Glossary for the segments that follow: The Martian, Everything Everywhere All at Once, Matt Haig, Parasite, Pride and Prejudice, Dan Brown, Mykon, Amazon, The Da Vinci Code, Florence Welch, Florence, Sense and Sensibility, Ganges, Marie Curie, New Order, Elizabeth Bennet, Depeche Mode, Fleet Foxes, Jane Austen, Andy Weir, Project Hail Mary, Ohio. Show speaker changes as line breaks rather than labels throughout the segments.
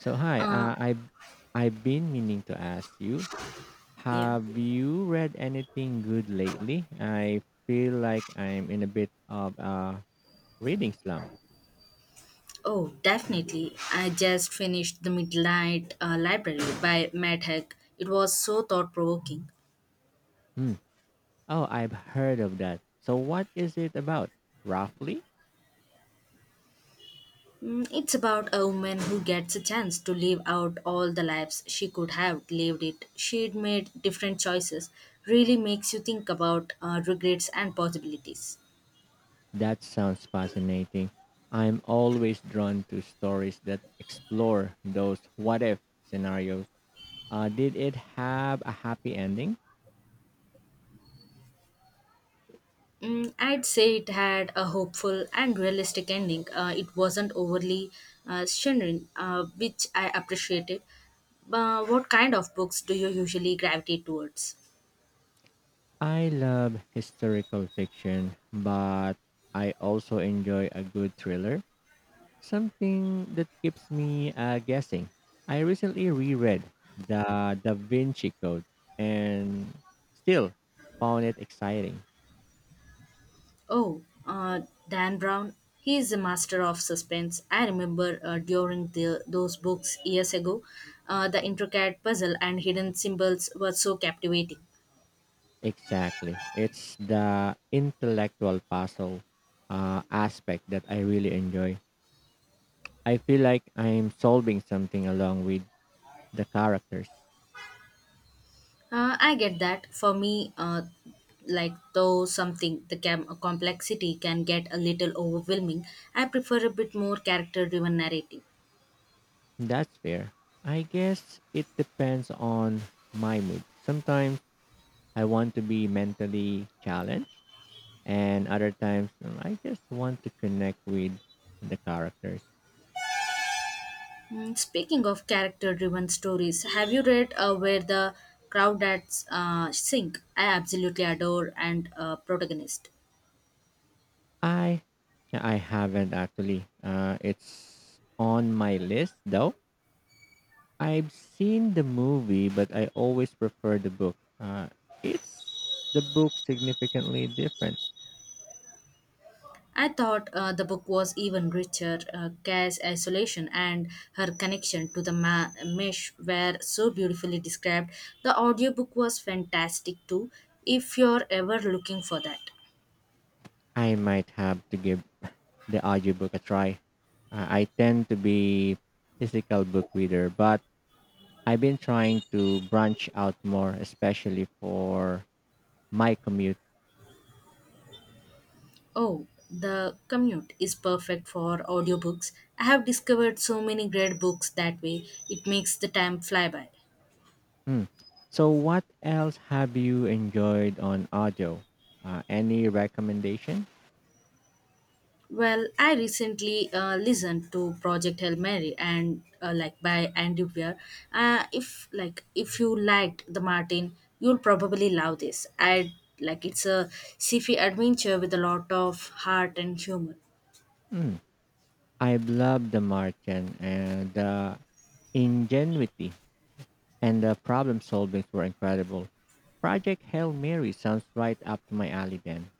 So hi,
Uh,
I've been meaning to ask you,
yeah.
have you read anything good lately? I feel like I'm in a bit of a reading slump.
Oh, definitely. I just finished The Midnight Library by Matt Haig. It was so thought provoking.
Hmm. Oh, I've heard of that. So what is it about? Roughly?
It's about a woman who gets a chance to live out all the lives she could have lived it. She'd made different choices. Really makes you think about regrets and possibilities.
That sounds fascinating. I'm always drawn to stories that explore those what if scenarios. Did it have a happy ending?
I'd say it had a hopeful and realistic ending. It wasn't overly shimmering, which I appreciated. What kind of books do you usually gravitate towards?
I love historical fiction, but I also enjoy a good thriller, something that keeps me guessing. I recently reread The Da Vinci Code and still found it exciting.
Oh, Dan Brown. He is a master of suspense. I remember during those books years ago, the intricate puzzle and hidden symbols were so captivating.
Exactly. It's the intellectual puzzle aspect that I really enjoy. I feel like I'm solving something along with the characters.
I get that. For me, like though something complexity can get a little overwhelming, I prefer a bit more character-driven narrative.
That's fair. I guess it depends on my mood. Sometimes I want to be mentally challenged, and other times I just want to connect with the characters.
Speaking of character-driven stories, have you read where the crowd at sink? I absolutely adore and protagonist.
I I haven't actually. It's on my list though. I've seen the movie, but I always prefer the book. It's the book significantly different.
I thought the book was even richer. Cass' isolation and her connection to mesh were so beautifully described. The audiobook was fantastic too, if you're ever looking for that.
I might have to give the audiobook a try. I tend to be physical book reader, but I've been trying to branch out more, especially for my commute.
Oh, the commute is perfect for audiobooks. I have discovered so many great books that way. It makes the time fly by.
Hmm. So, what else have you enjoyed on audio? Any recommendation?
Well, I recently listened to Project Hail Mary and by Andy Weir. If you liked the Martin, you'll probably love this. I like it's a sci-fi adventure with a lot of heart and humor.
Hmm. I've loved the Martian and the ingenuity and the problem solving were incredible. Project Hail Mary sounds right up to my alley then.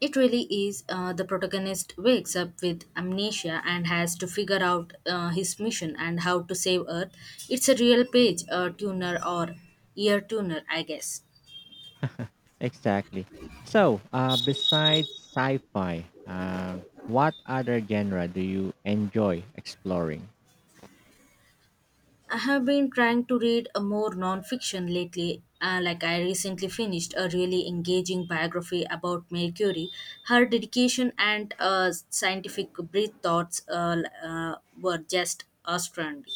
It really is. The protagonist wakes up with amnesia and has to figure out his mission and how to save Earth. It's a real page tuner or ear tuner, I guess.
Exactly. So, besides sci-fi, what other genre do you enjoy exploring?
I have been trying to read a more non-fiction lately. I recently finished a really engaging biography about Marie Curie. Her dedication and scientific breath thoughts were just astounding.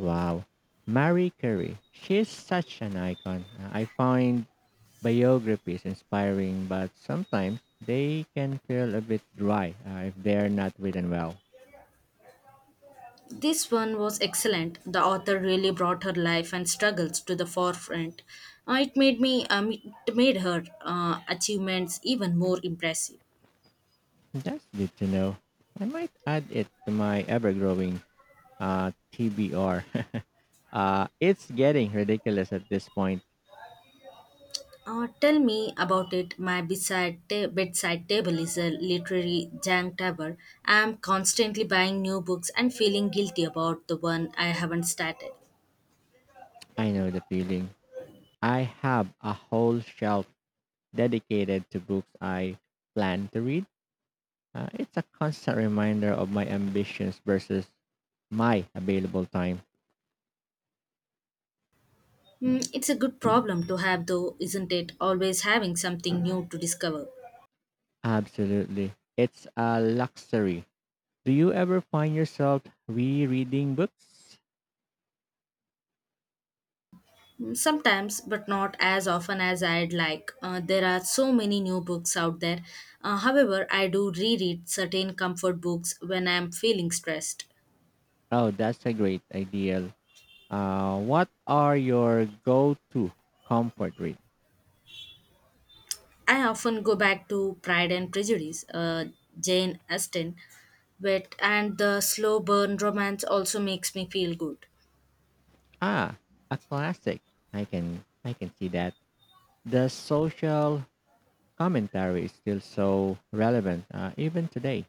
Wow, Marie Curie. She's such an icon. I find biographies inspiring, but sometimes they can feel a bit dry if they're not written well.
This one was excellent. The author really brought her life and struggles to the forefront. Uh, it made me um, it made her achievements even more impressive.
That's good to know. I might add it to my ever-growing TBR. It's getting ridiculous at this point.
Tell me about it. My bedside table is a literary junk table. I am constantly buying new books and feeling guilty about the one I haven't started.
I know the feeling. I have a whole shelf dedicated to books I plan to read. It's a constant reminder of my ambitions versus my available time.
Hmm, it's a good problem to have, though, isn't it? Always having something new to discover.
Absolutely. It's a luxury. Do you ever find yourself rereading books?
Hmm, sometimes, but not as often as I'd like. There are so many new books out there. However, I do reread certain comfort books when I'm feeling stressed.
Oh, that's a great ideal. What are your go-to comfort read?
I often go back to Pride and Prejudice, Jane Austen, but and the slow burn romance also makes me feel good.
Ah, a classic. I can see that. The Social commentary is still so relevant even today.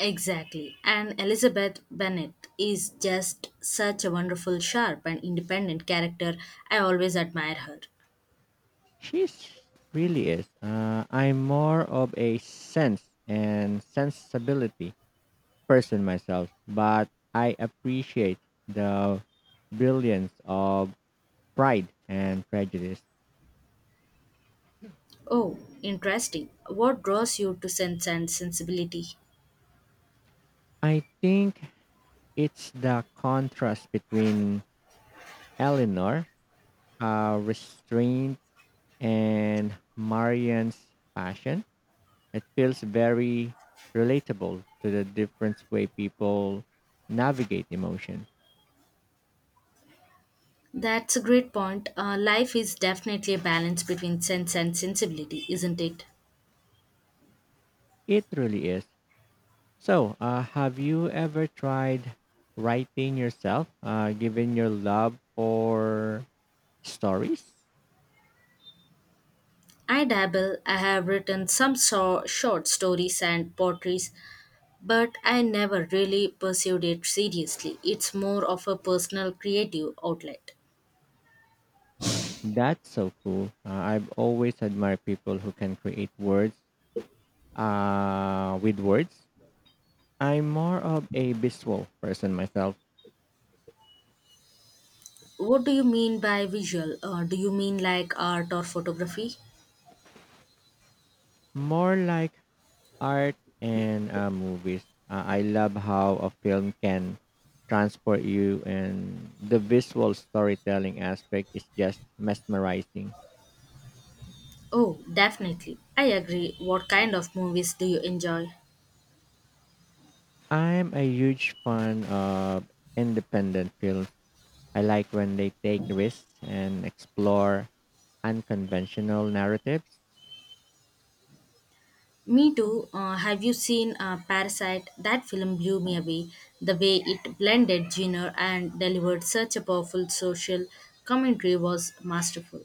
Exactly, and Elizabeth Bennet is just such a wonderful, sharp, and independent character. I always admire her.
She's really is. I'm more of a sense and sensibility person myself, but I appreciate the brilliance of Pride and Prejudice.
Oh, interesting. What draws you to sense and sensibility?
I think it's the contrast between Eleanor, restraint, and Marian's passion. It feels very relatable to the different way people navigate emotion.
That's a great point. Life is definitely a balance between sense and sensibility, isn't it?
It really is. So, have you ever tried writing yourself, given your love for stories?
I dabble, I have written short stories and poetries, but I never really pursued it seriously. It's more of a personal creative outlet.
That's so cool. I've always admired people who can create words with words. I'm more of a visual person myself,
What do you mean by visual? Do you mean like art or photography?
more like art and movies. I love how a film can transport you, and the visual storytelling aspect is just mesmerizing.
Oh, definitely. I agree. What kind of movies do you enjoy?
I'm a huge fan of independent films. I like when they take risks and explore unconventional narratives.
Me too. Have you seen Parasite? That film blew me away. The way it blended genre and delivered such a powerful social commentary was masterful.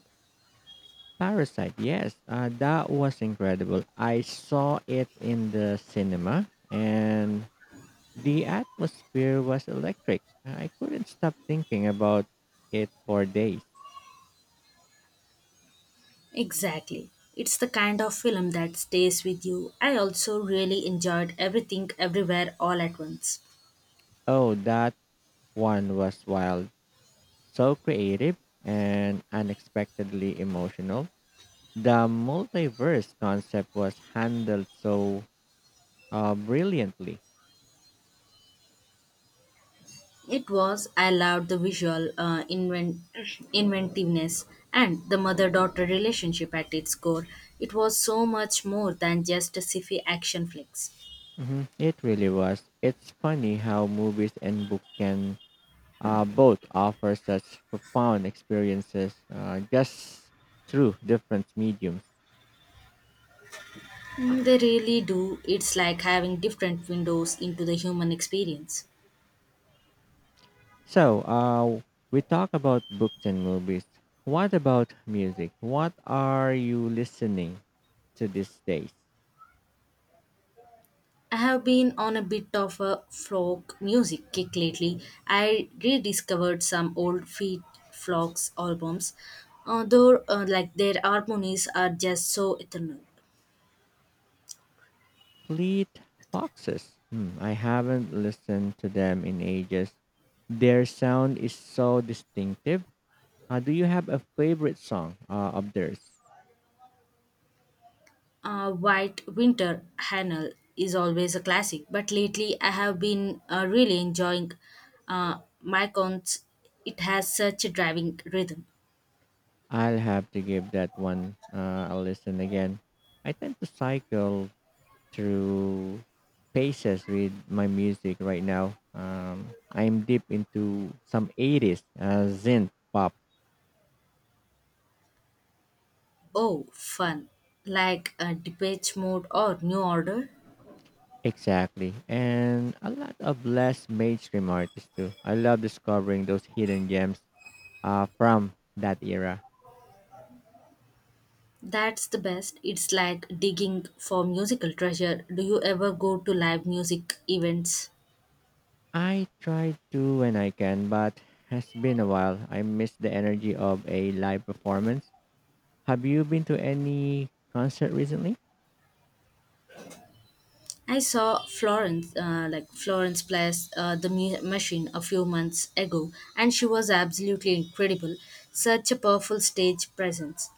Parasite, yes, that was incredible. I saw it in the cinema and the atmosphere was electric. I couldn't stop thinking about it for days.
Exactly. It's the kind of film that stays with you. I also really enjoyed Everything Everywhere All at Once.
Oh, that one was wild. So creative and unexpectedly emotional. The multiverse concept was handled so brilliantly.
It was, I loved the visual inventiveness and the mother daughter relationship at its core. It was so much more than just a sci action flicks.
Hmm. It really was. It's funny how movies and books can both offer such profound experiences just through different mediums.
Mm, they really do. It's like having different windows into the human experience.
So, we talk about books and movies. What about music? What are you listening to these days?
I have been on a bit of a folk music kick lately. I rediscovered some old Fleet Fox albums, although their harmonies are just so eternal.
Fleet Foxes. Hmm, I haven't listened to them in ages. Their sound is so distinctive. Do you have a favorite song of theirs?
White Winter Hannah is always a classic, but lately I have been really enjoying uh, Mykon's. It has such a driving rhythm.
I'll have to give that one a listen again. I tend to cycle through phases with my music right now. I'm deep into some 80s synth pop,
Oh, fun! Like a depeche mode or new order.
exactly, and a lot of less mainstream artists too. I love discovering those hidden gems from that era.
That's the best. It's like digging for musical treasure. Do you ever go to live music events?
I try to when I can, but has been a while. I miss the energy of a live performance. Have you been to any concert recently?
I saw Florence plays machine a few months ago, and she was absolutely incredible. Such a powerful stage presence.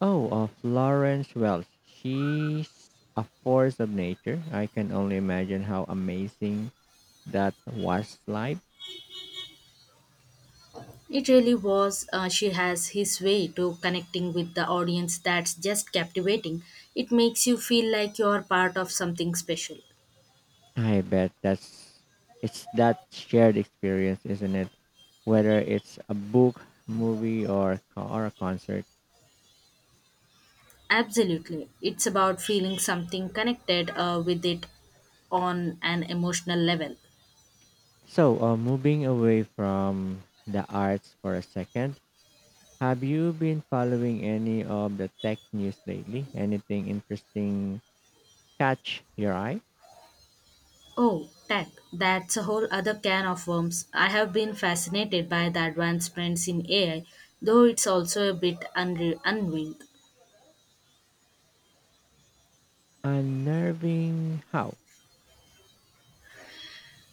Oh, Florence Welch. She's a force of nature. I can only imagine how amazing that was live.
It really was. She has his way to connecting with the audience that's just captivating. It makes you feel like you're part of something special.
I bet that's it's that shared experience, isn't it? Whether it's a book, movie, or or a concert.
Absolutely. It's about feeling something connected with it on an emotional level.
So, moving away from the arts for a second, have you been following any of the tech news lately? Anything interesting catch your eye?
Oh, tech. That's a whole other can of worms. I have been fascinated by the advancements in AI, though it's also a bit unreal.
Unnerving how?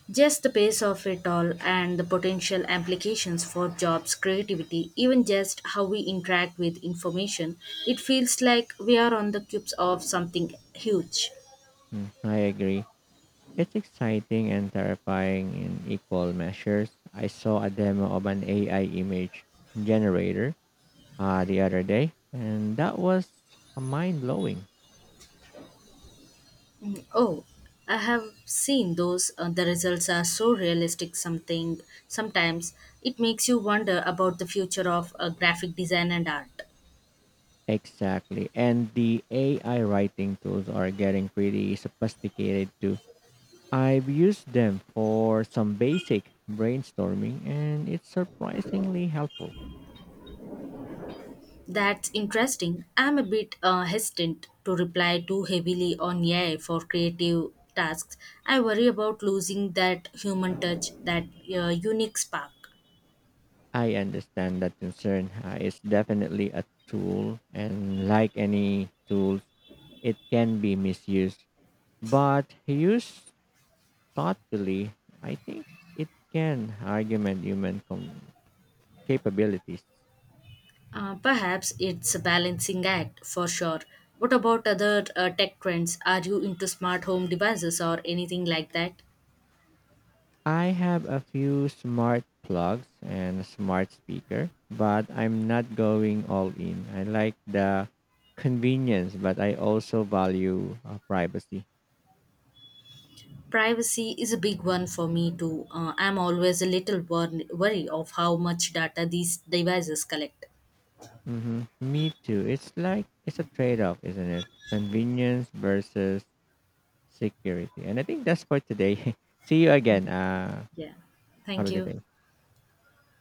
Just the pace of it all and the potential applications for jobs, creativity, even just how we interact with information, it feels like we are on the cusp of something huge.
Mm, I agree. It's exciting and terrifying in equal measures. I saw a demo of an AI image generator the other day, and that was mind blowing.
Mm, oh, I have seen those. The results are so realistic. Something Sometimes it makes you wonder about the future of graphic design and art.
Exactly. And the AI writing tools are getting pretty sophisticated too. I've used them for some basic brainstorming, and it's surprisingly helpful.
That's interesting. I'm a bit hesitant to rely too heavily on AI for creative tasks. I worry about losing that human touch, that unique spark.
I understand that concern. It's definitely a tool, and like any tool, it can be misused. But used thoughtfully, I think it can augment human capabilities.
Perhaps it's a balancing act for sure. What about other tech trends? Are you into smart home devices or anything like that?
I have a few smart plugs and a smart speaker, but I'm not going all in. I like the convenience, but I also value privacy.
Privacy is a big one for me too, I'm always a little worry of how much data these devices collect.
Hmm. Me too. It's like it's a trade off, isn't it? Convenience versus security. And I think that's for today. See you again.
Yeah,
Have a
thank
good
you.
day.